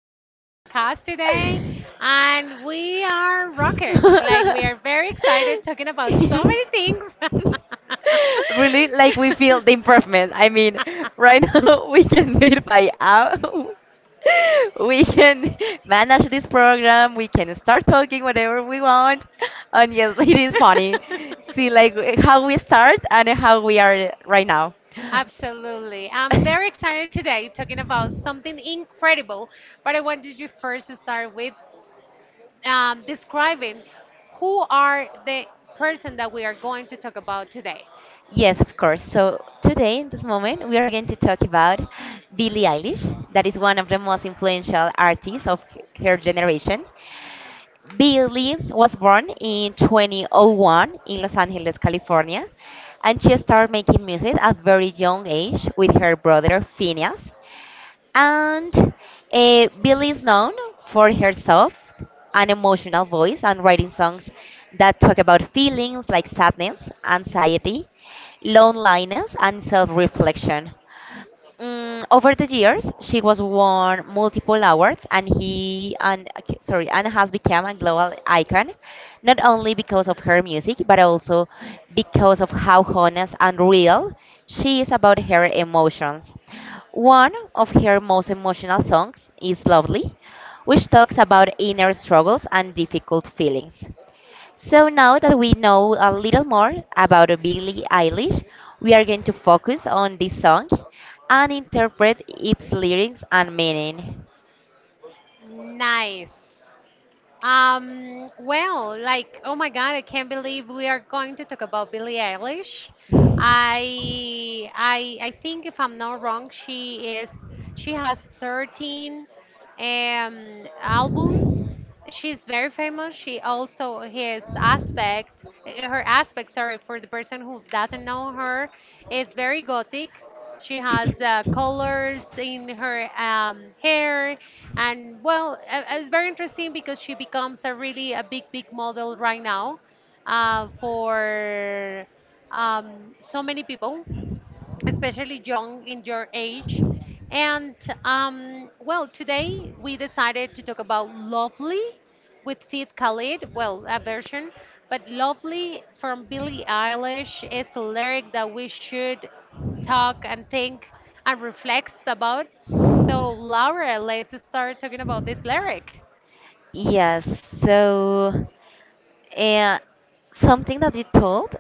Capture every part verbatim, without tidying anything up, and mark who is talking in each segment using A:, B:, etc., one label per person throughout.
A: third podcast today, and we are rocket. Like, we are very excited talking about so many things.
B: Really, like, we feel the improvement. I mean right now we can do it by out. We can manage this program. We can start talking whatever we want, and yes, it is funny. See like how we start and how we are right now.
A: Absolutely. I'm very excited today talking about something incredible, but I wanted you first to start with um, describing who are the person that we are going to talk about today.
B: Yes, of course. So today, in this moment, we are going to talk about Billie Eilish, that is one of the most influential artists of h- her generation. Billie was born in two thousand one in Los Angeles, California, and she started making music at very young age with her brother Phineas. And eh, Billie is known for her soft and emotional voice and writing songs that talk about feelings like sadness, anxiety, loneliness, and self reflection. Mm, over the years, she was won multiple awards, and he and ok- sorry, and has become a global icon, not only because of her music, but also because of how honest and real she is about her emotions. One of her most emotional songs is "Lovely," which talks about inner struggles and difficult feelings. So now that we know a little more about Billie Eilish, we are going to focus on this song and interpret its lyrics and meaning.
A: Nice. Um, well, like, oh my God, I can't believe we are going to talk about Billie Eilish. I, I, I think if I'm not wrong, she is, she has thirteen um, albums. She's very famous. She also his aspect, her aspect, sorry, for the person who doesn't know her, is very gothic. She has uh, colors in her um, hair, and well, uh, it's very interesting because she becomes a really a big, big model right now uh, for um, so many people, especially young in your age. And um, well, today we decided to talk about Lovely with Fit Khalid, well, a version, but Lovely from Billie Eilish is a lyric that we should talk and think and reflects about. So, Laura, let's start talking about this lyric.
B: Yes, so uh, something that you told,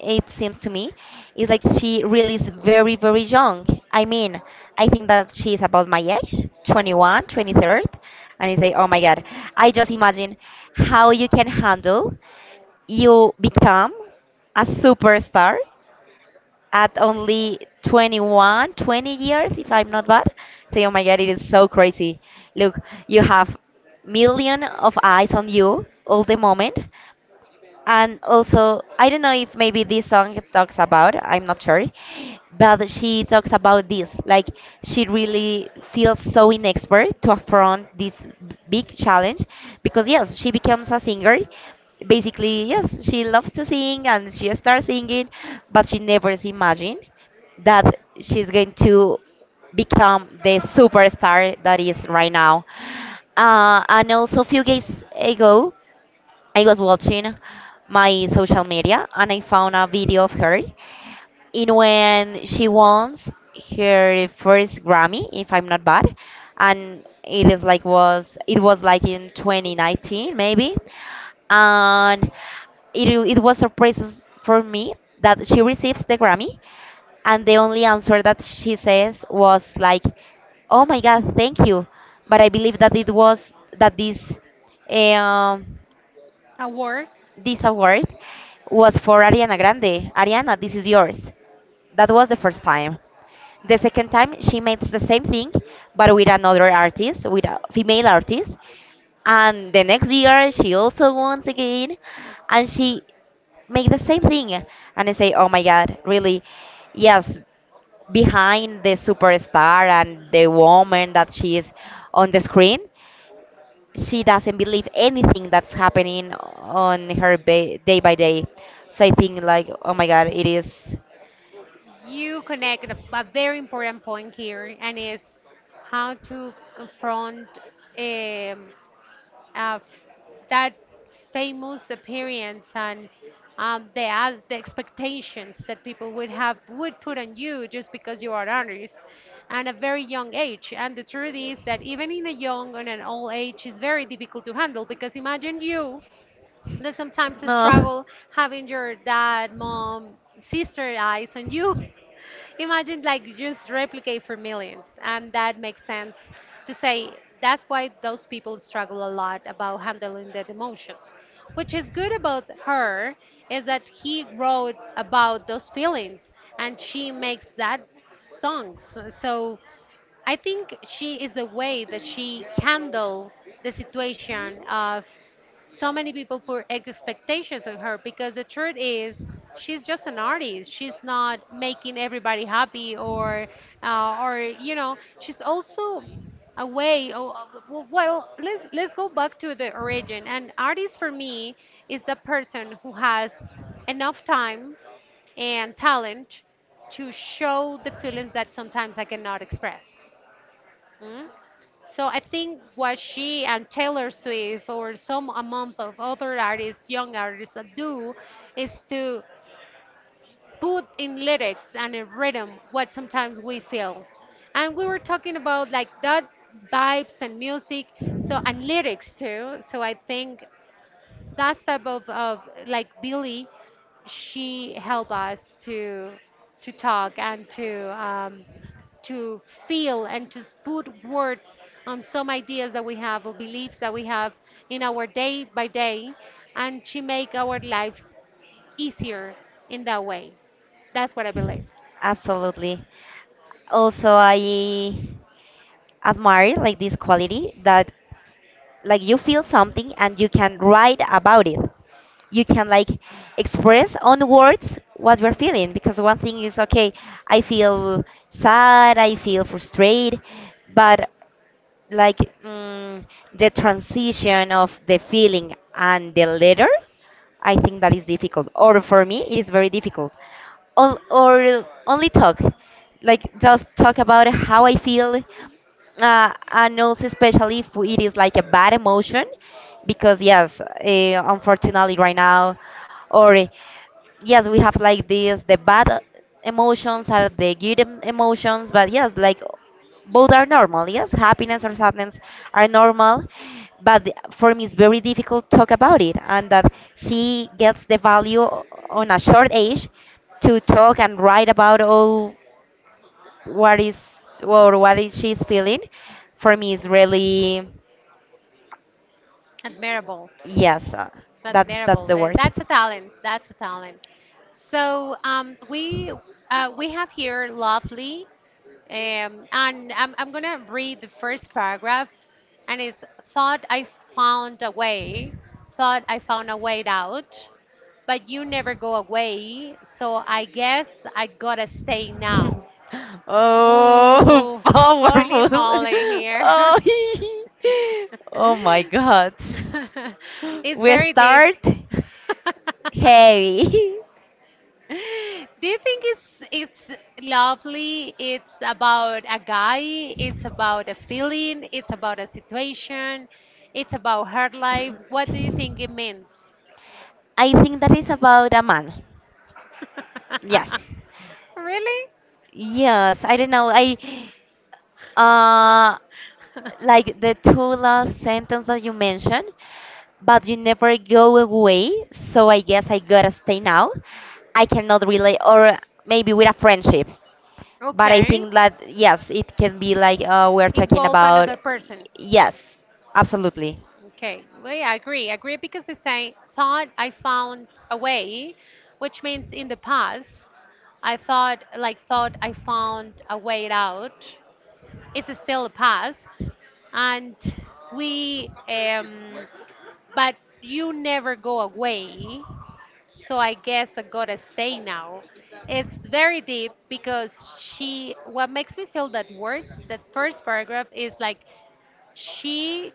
B: it seems to me, is like she really is very, very young. I mean, I think that she is about my age, twenty-one, twenty-three. And you say, oh my God, I just imagine how you can handle. You become a superstar at only twenty-one twenty years, if I'm not bad. Say, oh my God, it is so crazy. Look, you have million of eyes on you all the moment. And also, I don't know if maybe this song talks about, I'm not sure, but she talks about this. Like, she really feels so inexpert to affront this b- big challenge because, yes, she becomes a singer. Basically, yes, she loves to sing and she starts singing, but she never imagined that she's going to become the superstar that is right now. Uh, and also, a few days ago, I was watching my social media and I found a video of her in when she won her first Grammy, if I'm not bad, and it is like was it was like in twenty nineteen maybe, and it it was surprises for me that she receives the Grammy, and the only answer that she says was like, "Oh my God, thank you," but I believe that it was that this. eh, Um,
A: A word,
B: this award was for Ariana Grande. Ariana, this is yours. That was the first time. The second time, she made the same thing, but with another artist, with a female artist. And the next year, she also won again, and she made the same thing. And I say, oh my God, really? Yes, behind the superstar and the woman that she is on the screen, she doesn't believe anything that's happening on her ba- day by day. So I think like, oh my God, it is.
A: you connect a, a very important point here, and is how to confront um, of that famous appearance and um, the, as the expectations that people would have would put on you just because you are an artist at a very young age, and the truth is that even in a young and an old age is very difficult to handle because imagine you that sometimes
B: No,
A: struggle having your dad, mom, sister eyes on you. Imagine like you just replicate for millions, and that makes sense to say that's why those people struggle a lot about handling their emotions. Which is good about her is that he wrote about those feelings, and she makes that songs. So I think she is the way that she handled the situation of so many people put ex- expectations on her, because the truth is she's just an artist. She's not making everybody happy, or uh, or you know she's also a way. Oh, oh, well, let's, let's go back to the origin. An artist for me is the person who has enough time and talent to show the feelings that sometimes I cannot express. Mm-hmm. So I think what she and Taylor Swift or some amount of other artists, young artists that do is to put in lyrics and in rhythm what sometimes we feel. And we were talking about like that vibes and music, so, and lyrics too. So I think that type of, of like Billy, she helped us to to talk and to um, to feel and to put words on some ideas that we have or beliefs that we have in our day by day, and she make our lives easier in that way. That's what I believe.
B: absolutely. Also, I admire like this quality that like you feel something and you can write about it. You can like express on words what we're feeling because one thing is okay, I feel sad, I feel frustrated, but like mm, the transition of the feeling and the letter, I think that is difficult, or for me it is very difficult. Or, or only talk, like just talk about how I feel, uh, and also especially if it is like a bad emotion because yes, uh, unfortunately right now. Or yes, we have like this, the bad emotions are the good em- emotions, but yes, like both are normal. Yes, happiness or sadness are normal, but the- for me it's very difficult to talk about it, and that she gets the value o- on a short age to talk and write about all what is or what is she's feeling, for me is really,
A: Admirable.
B: yes, uh,
A: It's
B: that's that's
A: admirable.
B: the
A: Uh,
B: word.
A: That's a talent. That's a talent. So um, we uh, we have here lovely, um, and I'm I'm gonna read the first paragraph, and it's thought I found a way, thought I found a way out, but you never go away, so I guess I gotta stay now.
B: Oh,
A: Ooh, holy
B: powerful.
A: moly here.
B: Oh, oh my God.
A: It's
B: We
A: very deep.
B: start heavy.
A: Do you think it's it's lovely? It's about a guy, it's about a feeling, it's about a situation, it's about her life. What do you think it means?
B: I think that is about a man. Yes.
A: Really?
B: Yes, I don't know. I uh like the two last sentence that you mentioned, but you never go away, so I guess I gotta stay now. I cannot relate, or maybe with a friendship. But I
A: Okay.
B: think that yes, it can be like uh, we're talking
A: Involve
B: about.
A: another person.
B: Yes, absolutely.
A: Okay. Well, yeah, I agree. Agree because they say, thought I found a way, which means in the past, I thought, like, thought I found a way out is still past, and we um but you never go away, so I guess I gotta stay now. It's very deep because she, what makes me feel that words that first paragraph is like she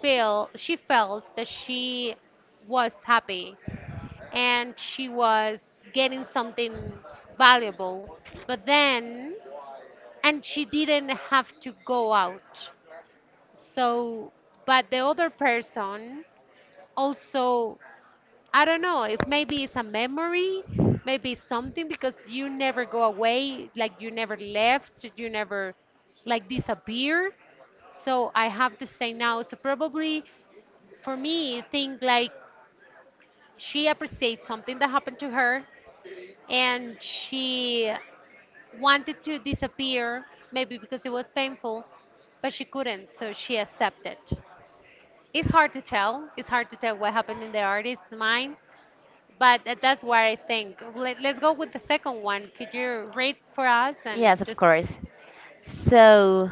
A: feel she felt that she was happy and she was getting something valuable, but then and she didn't have to go out, so, but the other person also, I don't know, if maybe it's a memory, maybe it's something because you never go away, like you never left, you never like disappear. So I have to stay now. So probably for me, I think like she appreciates something that happened to her and she wanted to disappear, maybe because it was painful, but she couldn't, so she accepted. It's hard to tell. It's hard to tell what happened in the artist's mind, but tha- that's what I think. Let, let's go with the second one. Could you read for us
B: Yes,
A: and
B: of
A: just.
B: course. So,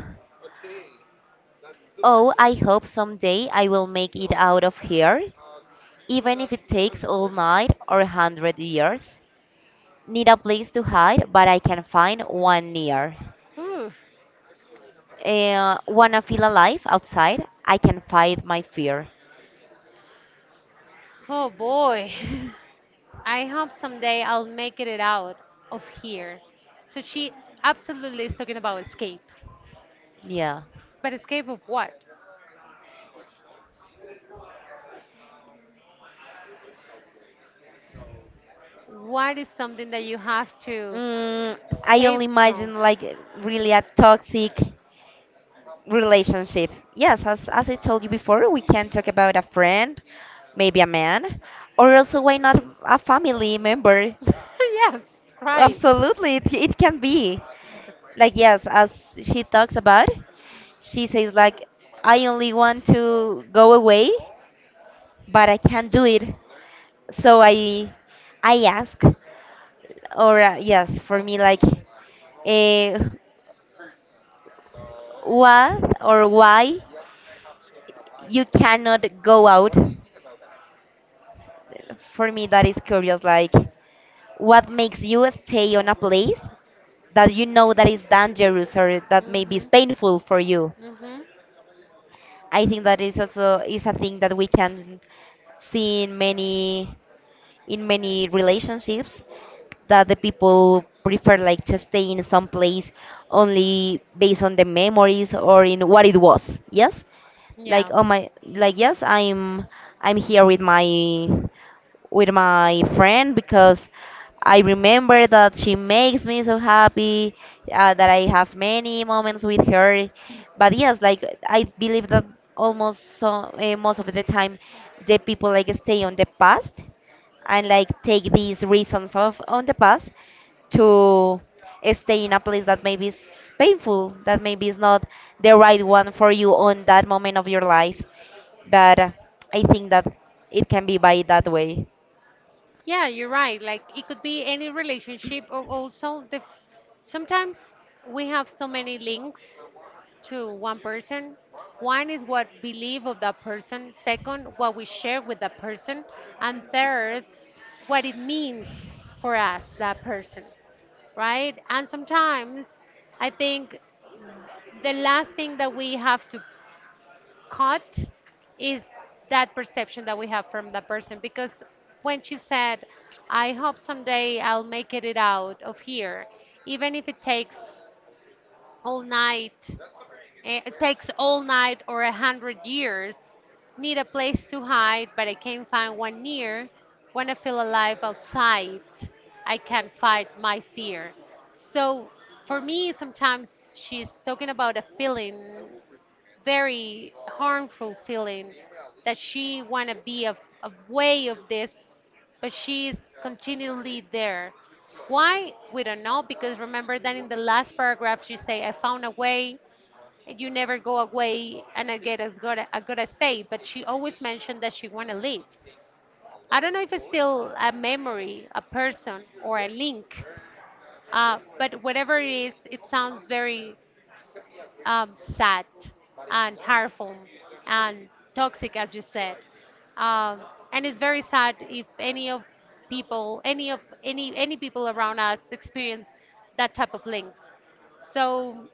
B: oh, I hope someday I will make it out of here, even if it takes all night or a hundred years. Need a place to hide, but I can find one near.
A: Oof.
B: Uh, wanna feel alive outside? I can fight my fear.
A: Oh boy. I hope someday I'll make it out of here. So she absolutely is talking about escape.
B: Yeah.
A: But escape of what? What is something that you have to
B: Mm, I
A: escape
B: only
A: from?
B: imagine like really a toxic relationship. Yes, as, as I told you before, we can talk about a friend, maybe a man, or also why not a family member.
A: yes, right.
B: Absolutely, it, it can be like, yes, as she talks about. She says like, I only want to go away, but I can't do it. So i i ask, or uh, yes, for me like, uh, what or why you cannot go out. For me that is curious, like what makes you stay on a place that you know that is dangerous, or that maybe is
A: Mhm.
B: painful for you.
A: Mhm.
B: I think that is also is a thing that we can see in many in many relationships, that the people prefer like to stay in some place only based on the memories or in what it was. Yes, like,
A: Yes.
B: oh my, like, yes, i'm i'm here with my with my friend because I remember that she makes me so happy, uh, that I have many moments with her. But yes, like I believe that almost so, uh, most of the time the people like stay on the past and like take these reasons of on the past to stay in a place that maybe is painful, that maybe is not the right one for you on that moment of your life. But uh, I think that it can be by that way.
A: Yeah, you're right. Like it could be any relationship, or also the f- sometimes we have so many links to one person. One is what believe of that person, second what we share with that person, and third what it means for us that person, right? And sometimes I think the last thing that we have to cut is that perception that we have from that person, because when she said, I hope someday I'll make it out of here, even if it takes all night eh, it takes all night or a hundred years, need a place to hide, but I can't find one near, when I feel alive outside I can fight my fear. So for me, sometimes she's talking about a feeling, very harmful feeling, that she want to be a, a way of this, but she is continually there. Why? We don't know, because remember that in the last paragraph she say, "I found a way." You never go away, and I get as good. I gotta stay. But she always mentioned that she wanna leave. I don't know if it's still a memory, a person, or a link. Uh, but whatever it is, it sounds very um, sad and harmful and toxic, as you said. Um, and it's very sad if any of people, any of any any people around us experience that type of links. So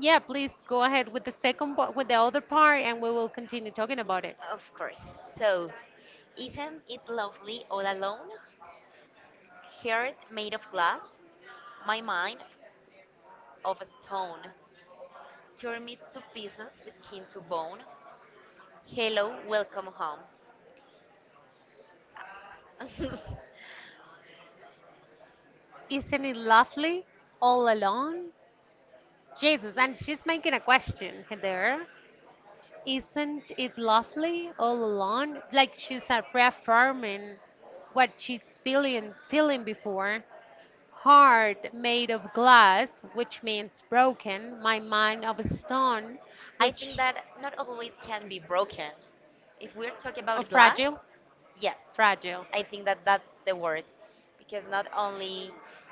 A: yeah, please go ahead with the second part, with the other part, and we will continue talking about it.
B: Of course. So, isn't it lovely all alone? Heart made of glass, my mind of stone. Tear me to pieces, skin to bone. Hello, welcome home.
A: Isn't it lovely all alone? Jesus, and she's making a question there. Isn't it lovely all alone? Like she's uh, reaffirming what she's feeling feeling before. Heart made of glass, which means broken. My mind of stone,
B: I think
A: which
B: that not always can be broken. If we're talking
A: of
B: about glass,
A: fragile,
B: yes,
A: fragile.
B: I think that that's the word. Because not only,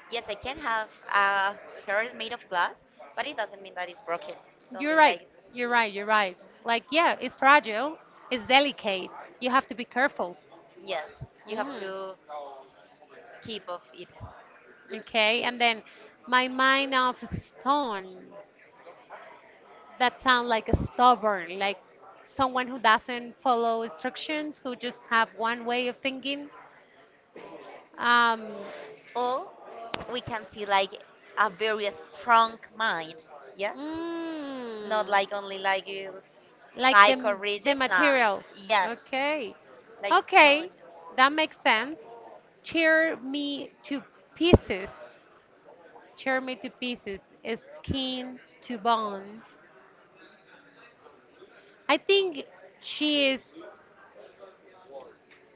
B: yes, I can have a heart made of glass, but it doesn't mean that it's broken. It's
A: You're
B: only
A: right.
B: like.
A: You're right. You're right. Like yeah, it's fragile. It's delicate. You have to be careful.
B: Yes, you have
A: Mm.
B: to keep of it.
A: Okay, and then my mind of stone. That sound like a stubborn, like someone who doesn't follow instructions, who just have one way of thinking. Um,
B: Or we can see like a very strong mind. Yes, not
A: mm,
B: like only like, uh,
A: like
B: psycho
A: the the
B: rigid. Nah.
A: material.
B: Yes,
A: Okay,
B: like stone.
A: okay, that makes sense. Tear me to pieces. Tear me to pieces. Skin to bone. I think she is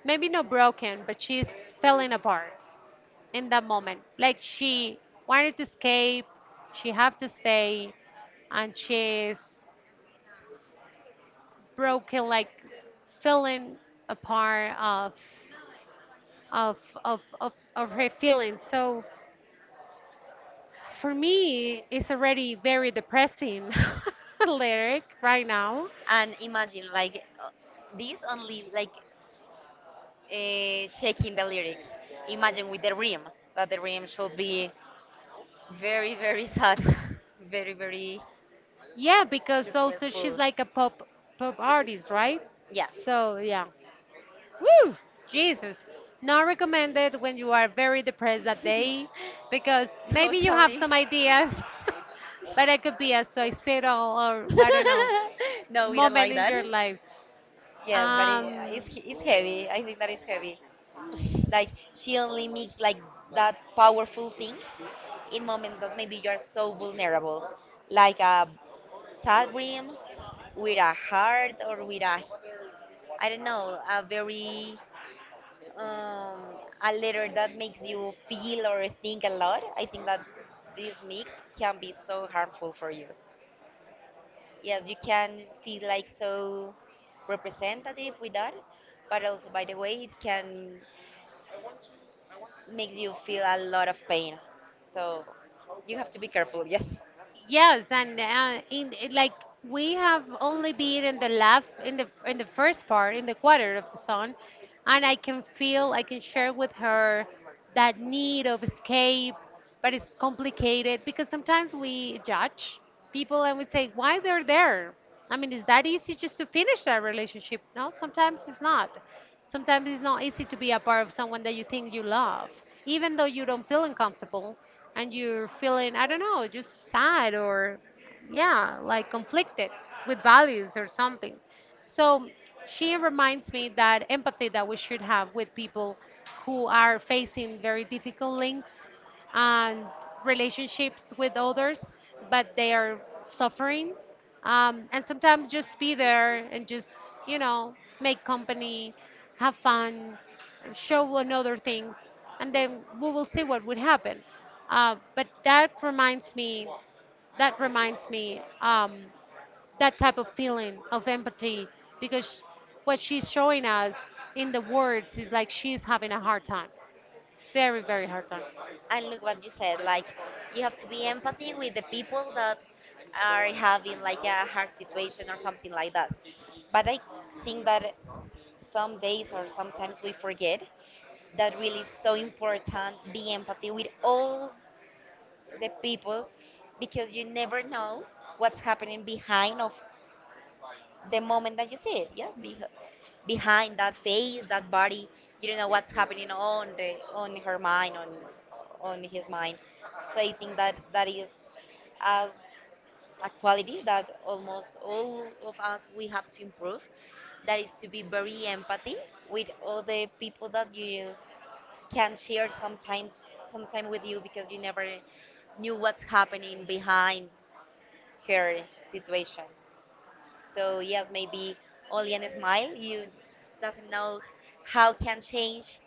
A: maybe not broken, but she's falling apart in that moment. Like she wanted to escape, she have to stay, and she's broken, like feeling a part of of of of, of her feelings. So for me, it's already very depressing lyric right now.
B: And imagine like, uh, this only like, uh, shaking the lyrics. Imagine with the rim, that the rim should be very, very sad, very, very
A: Yeah, because also she's
B: depressful.
A: like a pop pop artist, right?
B: Yeah.
A: So yeah. Woo! Jesus. Not recommended when you are very depressed that day, because maybe you have
B: Totally.
A: some ideas, but it could be a suicidal or I don't know
B: no, we don't
A: moment
B: like
A: in
B: that.
A: your life.
B: Yes, but it,
A: Um,
B: it's it's heavy. I think that is heavy. Like she only makes like that powerful thing in moments that maybe you're so vulnerable, like a sad dream with a heart, or with a, I don't know, a very um, a letter that makes you feel or think a lot. I think that this mix can be so harmful for you. Yes, you can feel like so representative with that, but also by the way, it can make you feel a lot of pain. So you have to be careful, yes.
A: Yes, and uh, in it- like we have only been in the left in the in the first part, in the quarter of the song, and I can feel I can share with her that need of escape, but it's complicated because sometimes we judge people and we say why they're there. I mean, is that easy just to finish that relationship? No, sometimes it's not. Sometimes it's not easy to be a part of someone that you think you love, even though you don't feel uncomfortable and you're feeling, I don't know, just sad or, yeah, like conflicted with values or something. So she reminds me that empathy that we should have with people who are facing very difficult links and relationships with others, but they are suffering. Um, and sometimes just be there and just, you know, make company, have fun, show one other things, and then we will see what would happen. Uh, but that reminds me, that reminds me, um, that type of feeling of empathy, because what she's showing us in the words is like she's having a hard time, very, very hard time.
B: And look what you said, like you have to be empathy with the people that are having like a hard situation or something like that. But I think that some days or sometimes we forget that really is so important be empathy with all the people because you never know what's happening behind of the moment that you see it. Yes, beh- behind that face, that body, you don't know what's happening on the, on her mind, on on his mind. So I think that that is a, a quality that almost all of us we have to improve. That is to be very empathy with all the people that you can share sometimes sometime with you, because you never knew what's happening behind her situation. So yes, maybe only a smile. You doesn't know how can change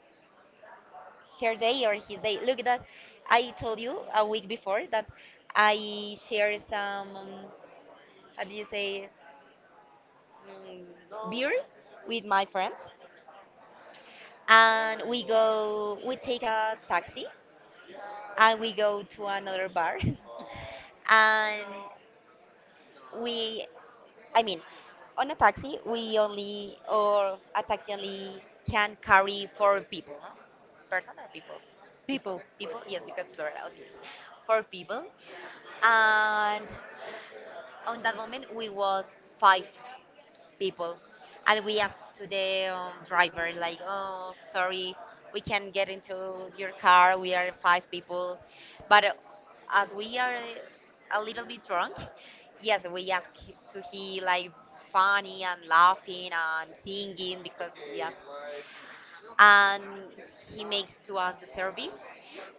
B: her day or his day. Look that I told you a week before that I shared some um, how do you say, mm, beer with my friends, and we go we take a taxi and we go to another bar. And we I mean, on a taxi we only or a taxi only can carry four people. No, person or people. People,
A: People.
B: people, yes, because plural obviously. Four people. And on that moment we was five people, and we ask to the um, driver like, oh sorry, we can't get into your car, we are five people. But uh, as we are a little bit drunk, yes, we ask hi- to he, like, funny and laughing and singing because yes. And he makes to us the service,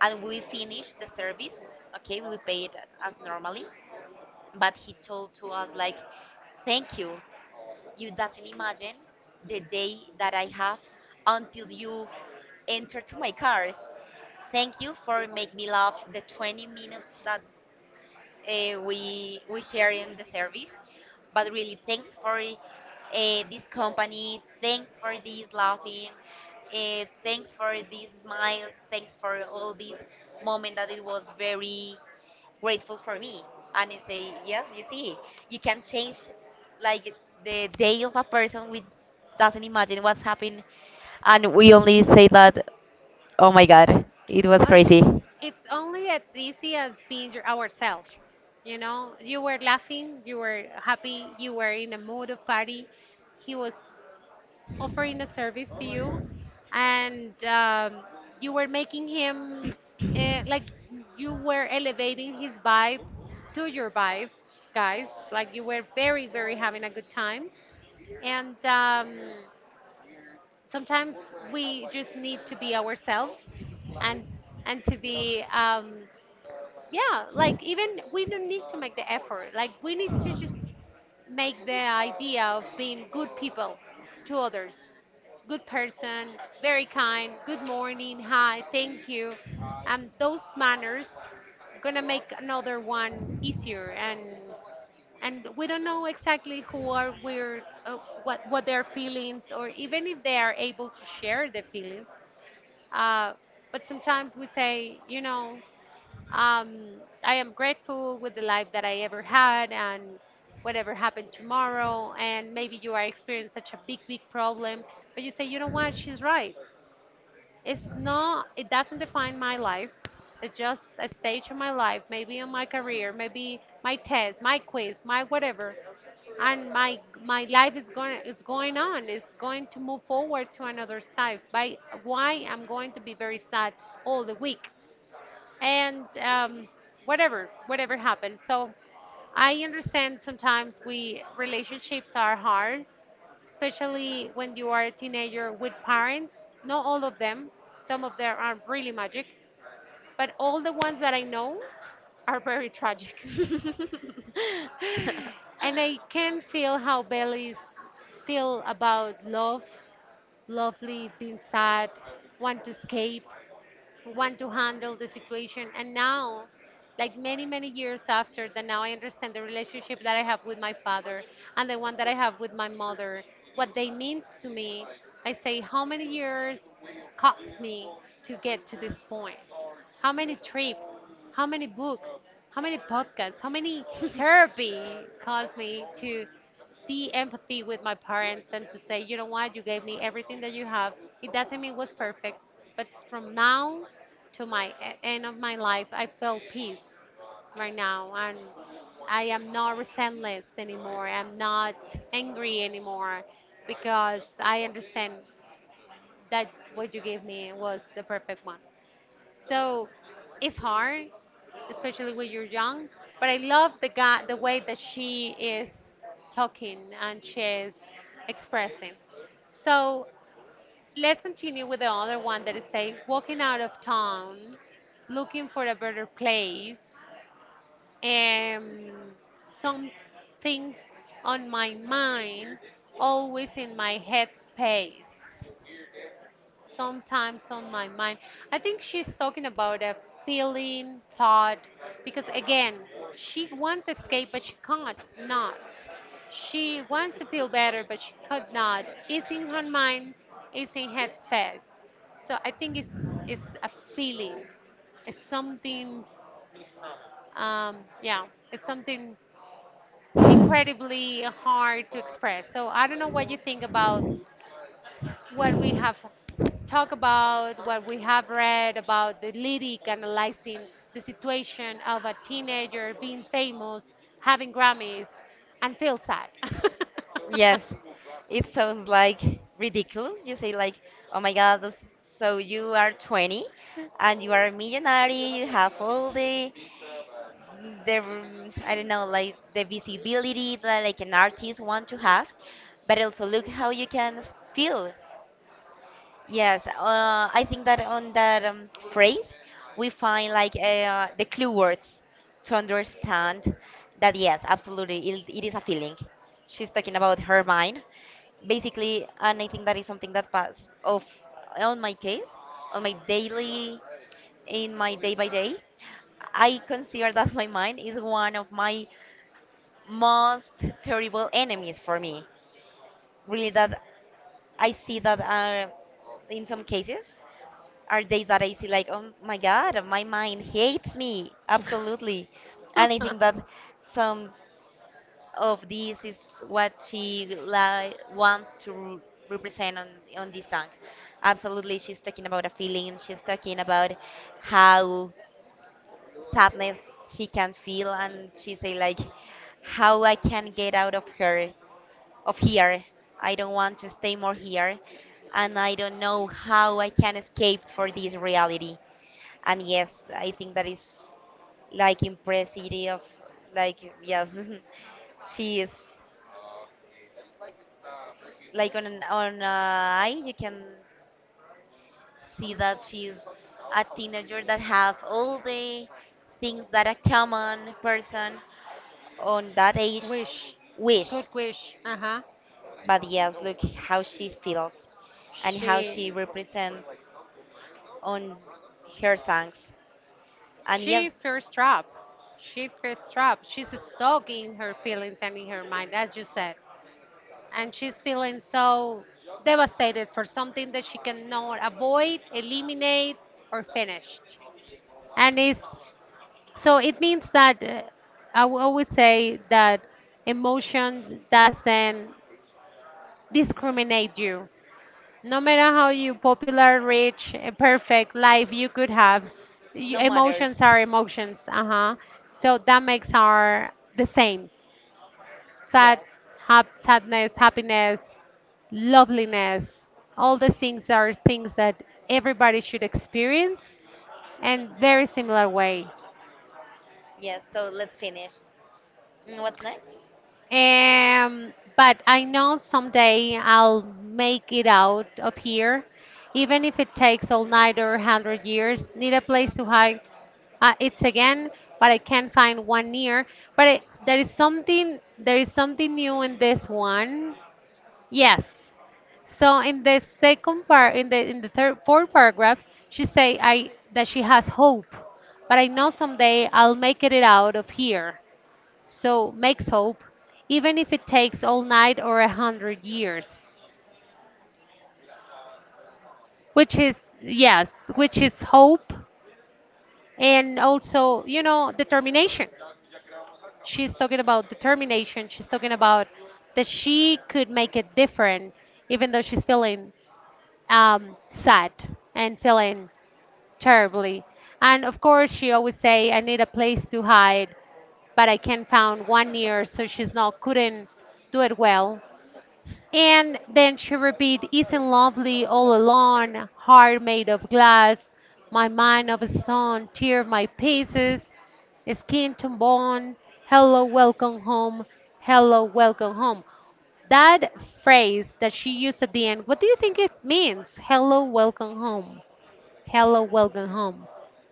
B: and we finish the service. Okay, we paid as normally, but he told to us like, thank you, you doesn't imagine the day that I have until you enter to my car. Thank you for making me laugh the twenty minutes that uh, we we share in the service. But really, thanks for uh, this company. Thanks for this laughing. Uh, thanks for these smiles. Thanks for all these moment that it was very grateful for me. And I say, yes, you see, you can change like the day of a person with, doesn't imagine what's happened. And we only say that, oh my God, it was
A: Uh,
B: crazy.
A: it's only as easy as being your, ourselves. You know, you were laughing, you were happy, you were in a mood of party. He was offering a service to you, and um, you were making him uh, like you were elevating his vibe to your vibe, guys. Like you were very, very having a good time and um, sometimes we just need to be ourselves and and to be um yeah like even we don't need to make the effort, like we need to just make the idea of being good people to others, good person, very kind, good morning, hi, thank you, and those manners gonna make another one easier, and and we don't know exactly who are we're uh, what what their feelings, or even if they are able to share their feelings. uh, but sometimes we say, you know, um, I am grateful with the life that I ever had, and whatever happened tomorrow, and maybe you are experiencing such a big big problem, but you say, you know what, she's right, it's not, it doesn't define my life. It's just a stage of my life, maybe in my career, maybe my test, my quiz, my whatever. And my my life is going is going on. It's going to move forward to another side. By why I'm going to be very sad all the week, and um, whatever whatever happened. So I understand sometimes we relationships are hard, especially when you are a teenager with parents. Not all of them, some of them are really magic, but all the ones that I know are very tragic. And I can feel how Bellies feel about love, lovely, being sad, want to escape, want to handle the situation. And now, like many, many years after that, now I understand the relationship that I have with my father and the one that I have with my mother, what they means to me. I say, how many years cost me to get to this point? How many trips? How many books? How many podcasts? How many therapy caused me to? The empathy with my parents, and to say, you know what, you gave me everything that you have. It doesn't mean it was perfect, but from now to my e- end of my life, I feel peace right now, and I am not resentless anymore. I'm not angry anymore because I understand that what you gave me was the perfect one. So it's hard, especially when you're young. But I love the guy, the way that she is talking and she's expressing. So let's continue with the other one that is say walking out of town, looking for a better place, and some things on my mind, always in my head space, sometimes on my mind. I think she's talking about a feeling, thought, because again, she wants to escape, but she can't not. She wants to feel better, but she could not. It's in her mind, it's in her space. So I think it's, it's a feeling, it's something, um, yeah, it's something incredibly hard to express. So I don't know what you think about what we have talked about, what we have read about the lyric, analyzing the situation of a teenager being famous, having Grammys, and feel sad.
B: Yes, it sounds like ridiculous. You say like, "Oh my God, this- so you are twenty and you are a millionaire, you have all the the I don't know, like the visibility that like an artist want to have, but also look how you can s- feel." Yes, uh, I think that on that um, phrase, we find like, uh, the clue words to understand that yes, absolutely, it, it is a feeling. She's talking about her mind, basically, and I think that is something that pass of, on my case, on my daily, in my day by day. I consider that my mind is one of my most terrible enemies for me. Really, that I see that, uh, in some cases are days that I see like, oh my God, my mind hates me. Absolutely. And I think that some of this is what she li wants to re- represent on, on this song. Absolutely, she's talking about a feeling. She's talking about how sadness she can feel, and she say like, how I can get out of her, of here. I don't want to stay more here, and I don't know how I can escape for this reality. And yes, I think that is like impressive of, like, yes, she is like, on an on a eye you can see that she's a teenager that have all the things that a common person on that age
A: Wish.
B: wish.
A: Good wish. Uh huh.
B: But yes, look how she feels and how
A: She
B: she represents on her songs. And
A: she
B: yes,
A: fears trap. She fears trap. She's stuck in her feelings and in her mind, as you said. And she's feeling so devastated for something that she cannot avoid, eliminate, or finish. And it's, so it means that uh, I will always say that emotion doesn't discriminate you. No matter how you popular, rich, uh, perfect life you could have, y
B: no matters,
A: emotions are emotions. Uh huh. So that makes our the same. Sad,
B: yes,
A: hap, sadness, happiness, loveliness. All the things are things that everybody should experience in very similar way.
B: yes, so let's finish. Mm, What's next?
A: Um, but I know someday I'll make it out of here, even if it takes all night or a hundred years. Need a place to hide. Uh, it's again, but I can't find one near. But it, there is something, there is something new in this one. Yes. So in the second part, in the in the third, fourth paragraph, she say I that she has hope, but I know someday I'll make it out of here. So makes hope, even if it takes all night or a hundred years. Which is, yes, which is hope, and also, you know, determination. She's talking about determination. She's talking about that she could make it different, even though she's feeling um, sad and feeling terribly. And of course, she always say, "I need a place to hide, but I can't find one year, so she's not couldn't do it well." And then she repeated, isn't lovely all alone, heart made of glass, my mind of stone, tear my pieces, skin to bone, hello, welcome home, hello, welcome home. That phrase that she used at the end, what do you think it means? Hello, welcome home. Hello, welcome home.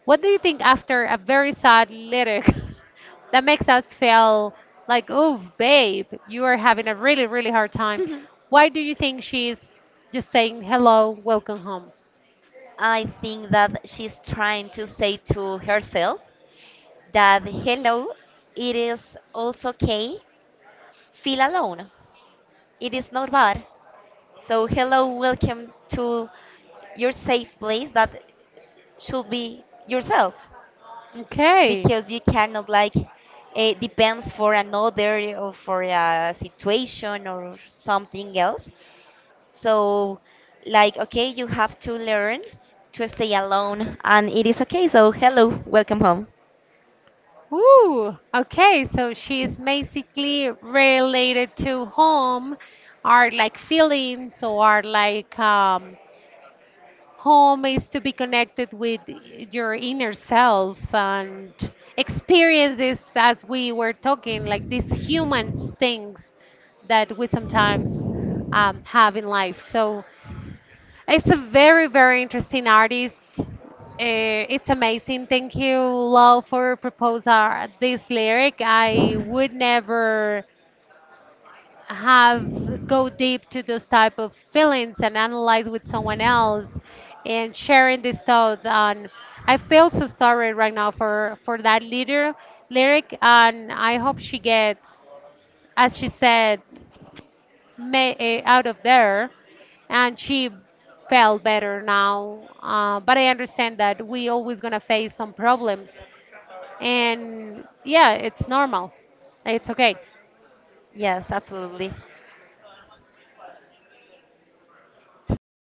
A: What do you think after a very sad lyric that makes us feel like, oh, babe, you are having a really, really hard time? Why do you think she's just saying hello, welcome home?
B: I think that she's trying to say to herself that hello, it is also okay. Feel alone. It is not bad. So hello, welcome to your safe place that should be yourself,
A: Okay,
B: because you cannot like, it depends for another or for a situation or something else. So, like, okay, you have to learn to stay alone, and it is okay. So, hello, welcome home.
A: that's all. Ooh, okay, so she's basically related to home, are like feelings, or like um, home is to be connected with your inner self and experiences, as we were talking, like these human things that we sometimes um, have in life. So it's a very, very interesting artist. Eh, it's amazing. Thank you, Lau, for proposing this lyric. I would never have go deep to those type of feelings and analyze with someone else and sharing this thought. And I feel so sorry right now for for that leader lyric, and I hope she gets, as she said, ma- eh, out of there, and she felt better now, uh, but I understand that we always gonna face some problems, and yeah, it's normal, it's okay,
B: Yes, absolutely.
A: so